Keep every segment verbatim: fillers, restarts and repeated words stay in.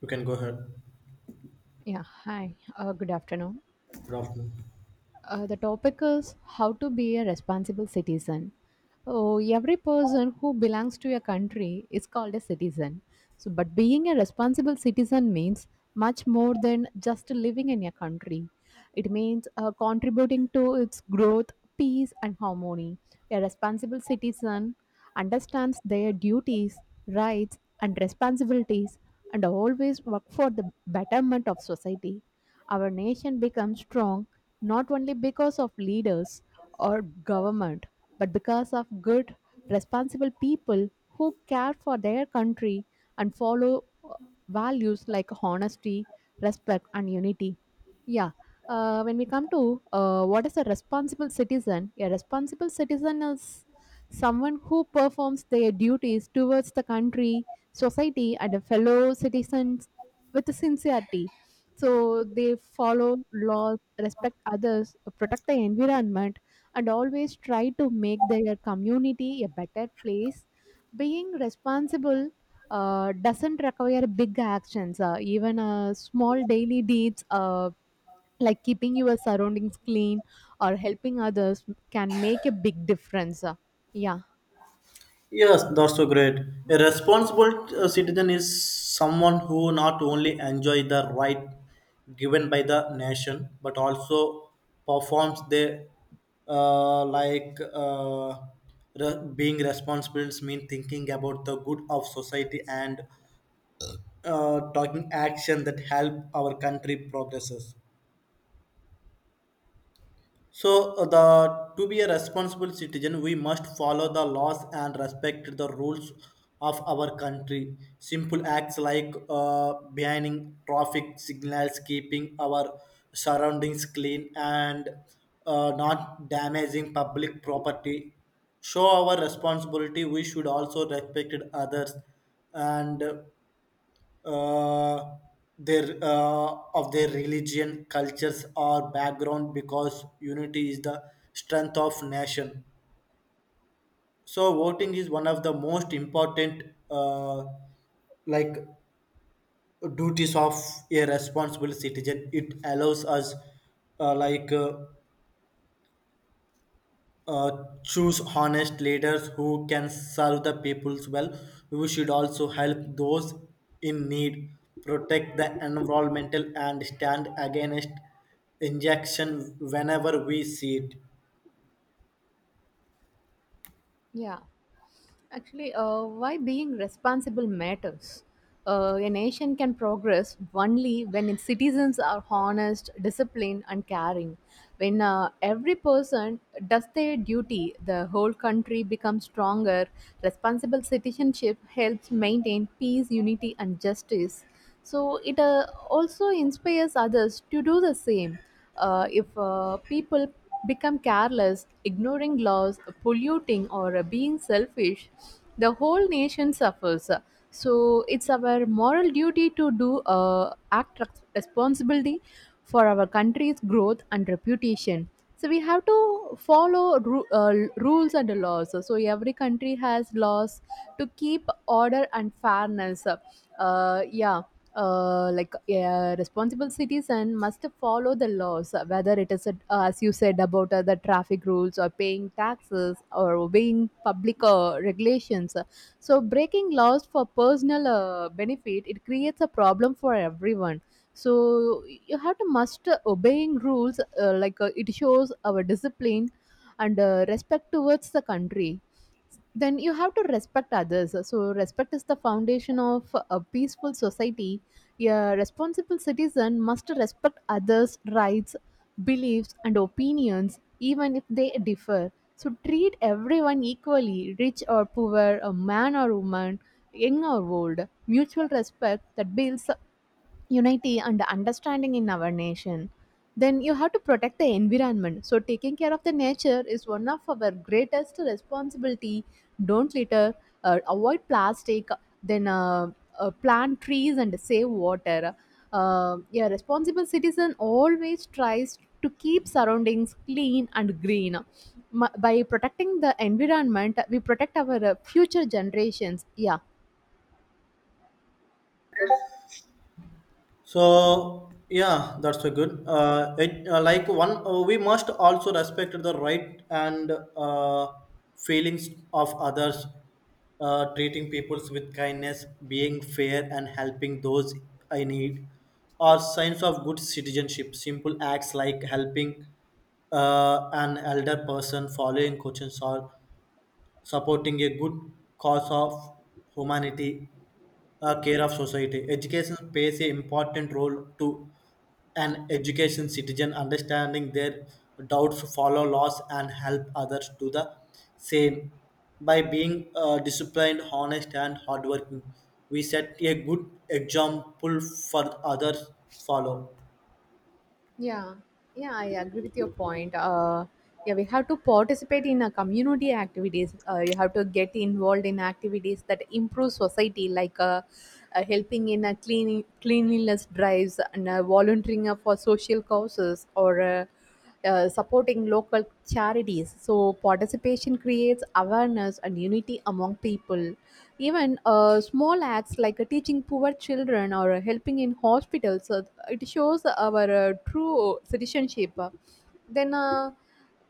You can go ahead. Yeah, hi. Uh, good afternoon. Good afternoon. Uh, the topic is how to be a responsible citizen. Oh, every person who belongs to a country is called a citizen. So, but being a responsible citizen means much more than just living in a country. It means uh, contributing to its growth, peace, and harmony. A responsible citizen understands their duties, rights, and responsibilities, and always work for the betterment of society. Our nation becomes strong not only because of leaders or government, but because of good, responsible people who care for their country and follow uh, values like honesty, respect, and unity. Yeah. Uh, when we come to uh, what is a responsible citizen, a responsible citizen is someone who performs their duties towards the country, society, and the fellow citizens with sincerity. So they follow laws respect others, protect the environment, and always try to make their community a better place. Being responsible uh, doesn't require big actions, uh, even uh, small daily deeds. Uh, like keeping your surroundings clean or helping others can make a big difference. Uh, Yeah, Yes, that's so great. A responsible uh, citizen is someone who not only enjoy the right given by the nation but also performs the uh, like uh, re- being responsible mean thinking about the good of society and uh, taking action that help our country progresses. So, uh, the to be a responsible citizen, we must follow the laws and respect the rules of our country. Simple acts like uh, banning traffic signals, keeping our surroundings clean, and uh, not damaging public property show our responsibility. We should also respect others and uh, their uh, of their religion, cultures, or background because unity is the strength of nation. So voting is one of the most important uh, like duties of a responsible citizen. It allows us uh, like uh, Uh, choose honest leaders who can serve the peoples well. We should also help those in need, protect the environmental, and stand against injection whenever we see it. yeah. Actually, uh, why being responsible matters. Uh, a nation can progress only when its citizens are honest, disciplined, and caring. When uh, every person does their duty, the whole country becomes stronger. Responsible citizenship helps maintain peace, unity, and justice, so it uh, also inspires others to do the same. Uh, if uh, people become careless, ignoring laws, polluting, or uh, being selfish, the whole nation suffers. So it's our moral duty to do uh, act res- responsibility for our country's growth and reputation. So we have to follow ru- uh, rules and laws. So every country has laws to keep order and fairness. uh, yeah uh, like a responsible citizen must follow the laws, uh, whether it is, uh, as you said, about uh, the traffic rules or paying taxes or obeying public uh, regulations. So, breaking laws for personal uh, benefit it creates a problem for everyone. So, you have to must obeying rules uh, like uh, it shows our discipline and uh, respect towards the country. Then you have to respect others. So respect is the foundation of a peaceful society. A responsible citizen must respect others' rights, beliefs, and opinions, even if they differ. So treat everyone equally, rich or poor, a man or woman, young or old. Mutual respect that builds unity and understanding in our nation. Then you have to protect the environment. So taking care of the nature is one of our greatest responsibility. Don't litter, uh, avoid plastic, then uh, uh, plant trees and save water. Uh, yeah, responsible citizen always tries to keep surroundings clean and green M- by protecting the environment we protect our uh, future generations. Yeah. So yeah, that's a good. Uh, it, uh, like one, uh, we must also respect the right and uh, feelings of others. Uh, treating people with kindness, being fair, and helping those in need are signs of good citizenship. Simple acts like helping uh, an elder person, following questions, or supporting a good cause of humanity, a care of society. Education plays an important role to an education citizen understanding their doubts follow laws and help others do the same by being uh, disciplined honest and hardworking we set a good example for others follow. Yeah, yeah, I agree with your point. Uh, yeah, we have to participate in uh, community activities. Uh, you have to get involved in activities that improve society, like uh, uh, helping in a cleaning cleanliness drives and uh, volunteering uh, for social causes or. Uh, uh, supporting local charities. So, participation creates awareness and unity among people. Even uh, small acts like uh, teaching poor children or uh, helping in hospitals, uh, it shows our uh, true citizenship. Then, uh,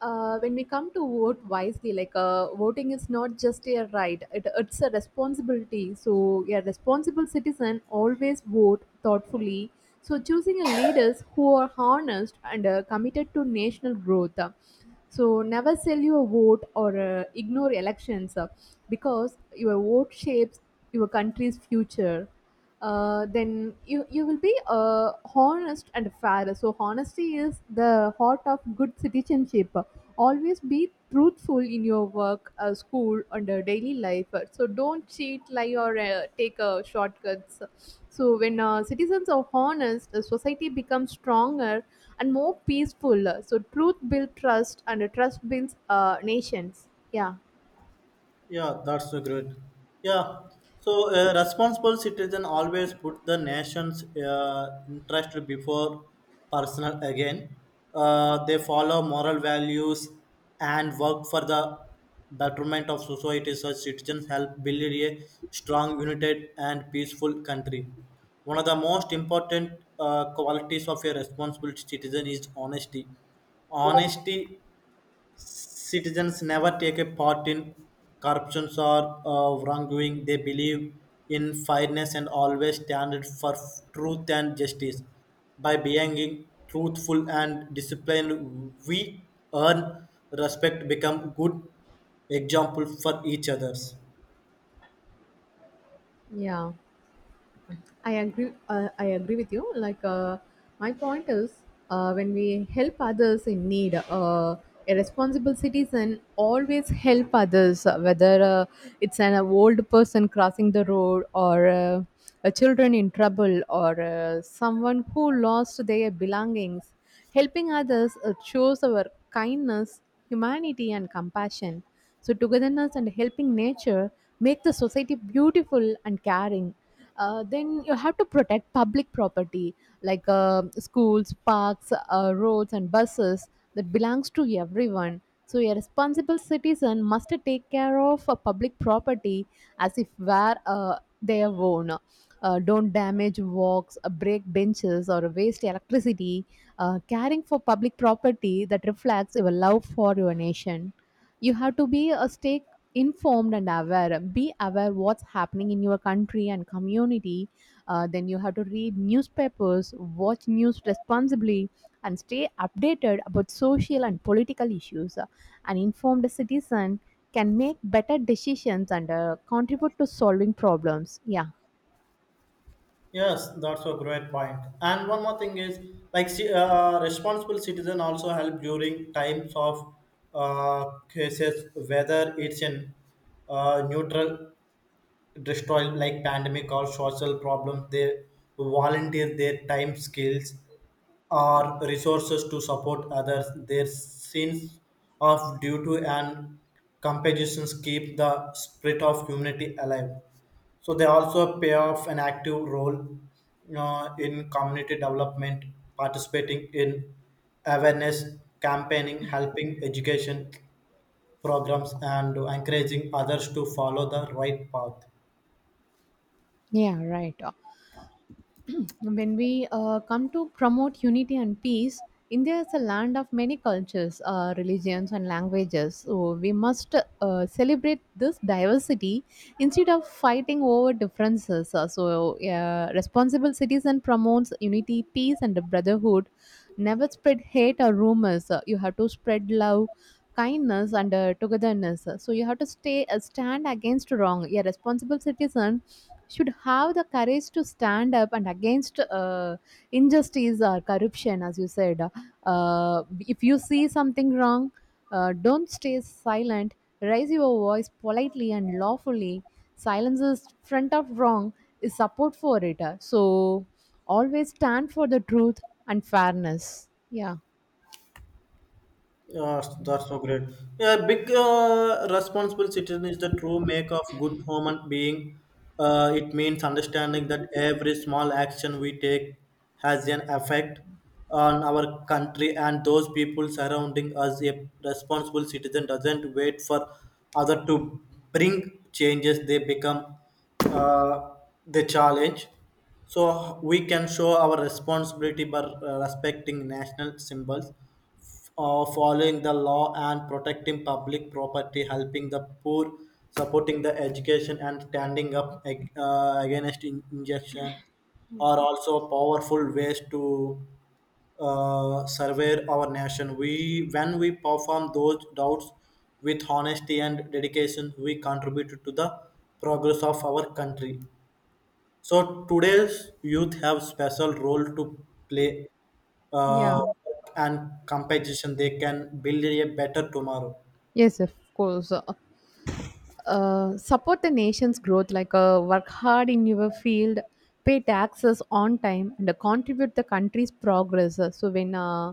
uh, when we come to vote wisely, like uh, voting is not just a right, it, it's a responsibility. So, a responsible citizen always vote thoughtfully. So, choosing a leaders who are honest and uh, committed to national growth. So, never sell your vote or uh, ignore elections, uh, because your vote shapes your country's future. Uh, then you you will be uh, honest and fair. So honesty is the heart of good citizenship. Always be truthful in your work, uh, school, and uh, daily life. So don't cheat, lie, or uh, take uh, shortcuts. So when uh, citizens are honest, the society becomes stronger and more peaceful. So truth builds trust, and trust builds uh, nations. Yeah, Yeah, that's so great. Yeah, so a responsible citizen always put the nation's uh, interest before personal again. Uh, they follow moral values and work for the betterment of society. Such citizens help build a strong, united, and peaceful country. One of the most important uh, qualities of a responsible citizen is honesty. Honesty citizens never take a part in corruption or uh, wrongdoing. They believe in fairness and always stand for truth and justice. By being truthful and disciplined, we earn respect, become good example for each others. yeah. I agree. Uh, I agree with you. Like, uh, my point is, uh, when we help others in need, uh, a responsible citizen always help others, uh, whether uh, it's an old person crossing the road, or uh, a children in trouble, or uh, someone who lost their belongings. Helping others uh, shows our kindness, humanity, and compassion. So togetherness and helping nature make the society beautiful and caring. Uh, then you have to protect public property, like uh, schools, parks, uh, roads, and buses that belongs to everyone. So a responsible citizen must take care of a public property as if were uh, their own. Uh, don't damage walks, uh, break benches, or waste electricity. Uh, caring for public property that reflects your love for your nation. You have to be a stay informed and aware, be aware what's happening in your country and community. Uh, then you have to read newspapers, watch news responsibly, and stay updated about social and political issues. An informed citizen can make better decisions and uh, contribute to solving problems. Yeah, Yes, that's a great point. And one more thing is, like, ci- uh, responsible citizen also help during times of uh, cases, whether it's in uh, neutral destroyed like pandemic or social problems they volunteer their time skills or resources to support others their sense of duty and compassion keep the spirit of humanity alive so they also play off an active role uh, in community development, participating in awareness campaigning, helping education programs, and encouraging others to follow the right path. yeah, right. When we uh, come to promote unity and peace, India is a land of many cultures, uh, religions, and languages. So we must uh, celebrate this diversity instead of fighting over differences. Uh, so, uh, responsible citizen promotes unity, peace, and brotherhood. Never spread hate or rumors. Uh, you have to spread love, kindness, and uh, togetherness. Uh, So, you have to stay uh, stand against wrong. A responsible citizen should have the courage to stand up and against uh, injustice or corruption, as you said. Uh, if you see something wrong, uh, don't stay silent. Raise your voice politely and lawfully. Silence is front of wrong is support for it. Uh, so always stand for the truth and fairness. Yeah, Yeah, that's so great. Yeah, big uh, responsible citizen is the true make of good human being. Uh, it means understanding that every small action we take has an effect on our country and those people surrounding us. A responsible citizen doesn't wait for other to bring changes; they become uh, the challenge. So we can show our responsibility by uh, respecting national symbols uh, following the law and protecting public property, helping the poor, supporting the education, and standing up ag- uh, against in- injection are also powerful ways to uh, survey our nation. We, when we perform those doubts with honesty and dedication, we contribute to the progress of our country. So today's youth have special role to play uh, yeah, and competition. They can build a better tomorrow. yes of course. Uh, uh, support the nation's growth, like uh, work hard in your field, pay taxes on time, and uh, contribute the country's progress. Uh, so when uh,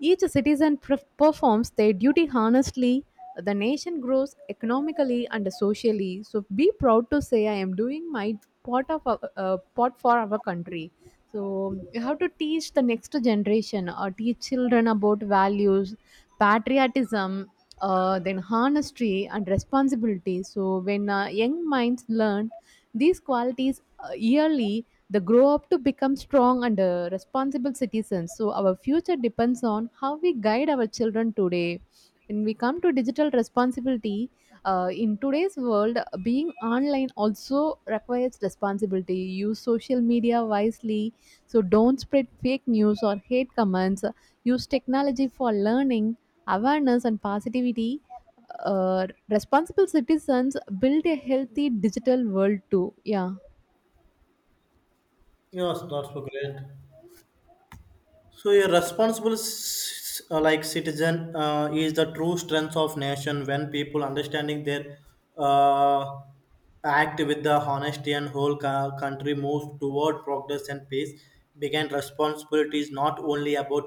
each citizen perf- performs their duty honestly, the nation grows economically and socially. So be proud to say I am doing my part of our, uh, part for our country. So you have to teach the next generation or teach children about values, patriotism, uh, then honesty and responsibility. So when uh, young minds learn these qualities uh, yearly, they grow up to become strong and uh, responsible citizens. So our future depends on how we guide our children today. When we come to digital responsibility, uh, in today's world, being online also requires responsibility. Use social media wisely, so don't spread fake news or hate comments. Use technology for learning, awareness, and positivity. Uh, responsible citizens build a healthy digital world too. Yeah. Yes, that's so great. So a responsible c- uh, like citizen uh, is the true strength of nation when people understanding their uh, act with the honesty and whole co- country moves toward progress and peace began responsibility is not only about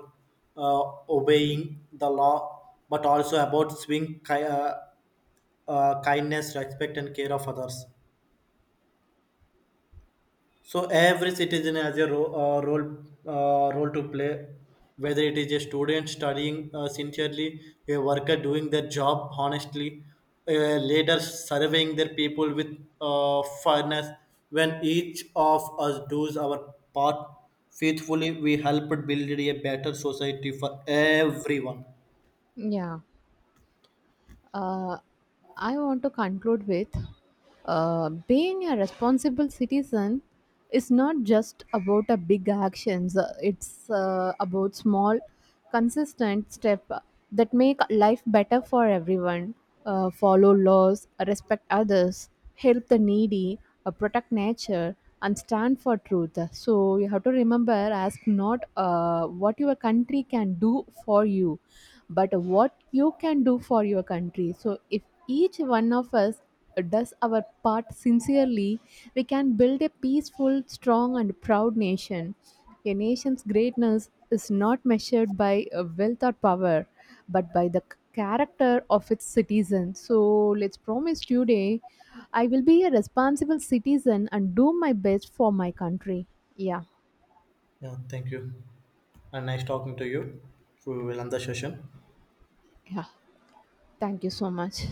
uh, obeying the law but also about swing ki- uh, uh, kindness respect and care of others so every citizen has a ro- uh, role uh, role to play, whether it is a student studying uh, sincerely, a worker doing their job honestly, a leader surveying their people with uh, fairness. When each of us does our part faithfully, we help build a better society for everyone. Yeah. Uh, I want to conclude with uh, being a responsible citizen is not just about a big actions. uh, It's uh, about small, consistent step that make life better for everyone. Uh, follow laws, respect others, help the needy, uh, protect nature, and stand for truth. So you have to remember, ask not uh, what your country can do for you but what you can do for your country. So, if each one of us does our part sincerely, we can build a peaceful, strong, and proud nation. A nation's greatness is not measured by uh, wealth or power, but by the c- character of its citizens. So, let's promise today, I will be a responsible citizen and do my best for my country. Yeah, Yeah, thank you. And nice talking to you. We will end the session. yeah. Thank you so much.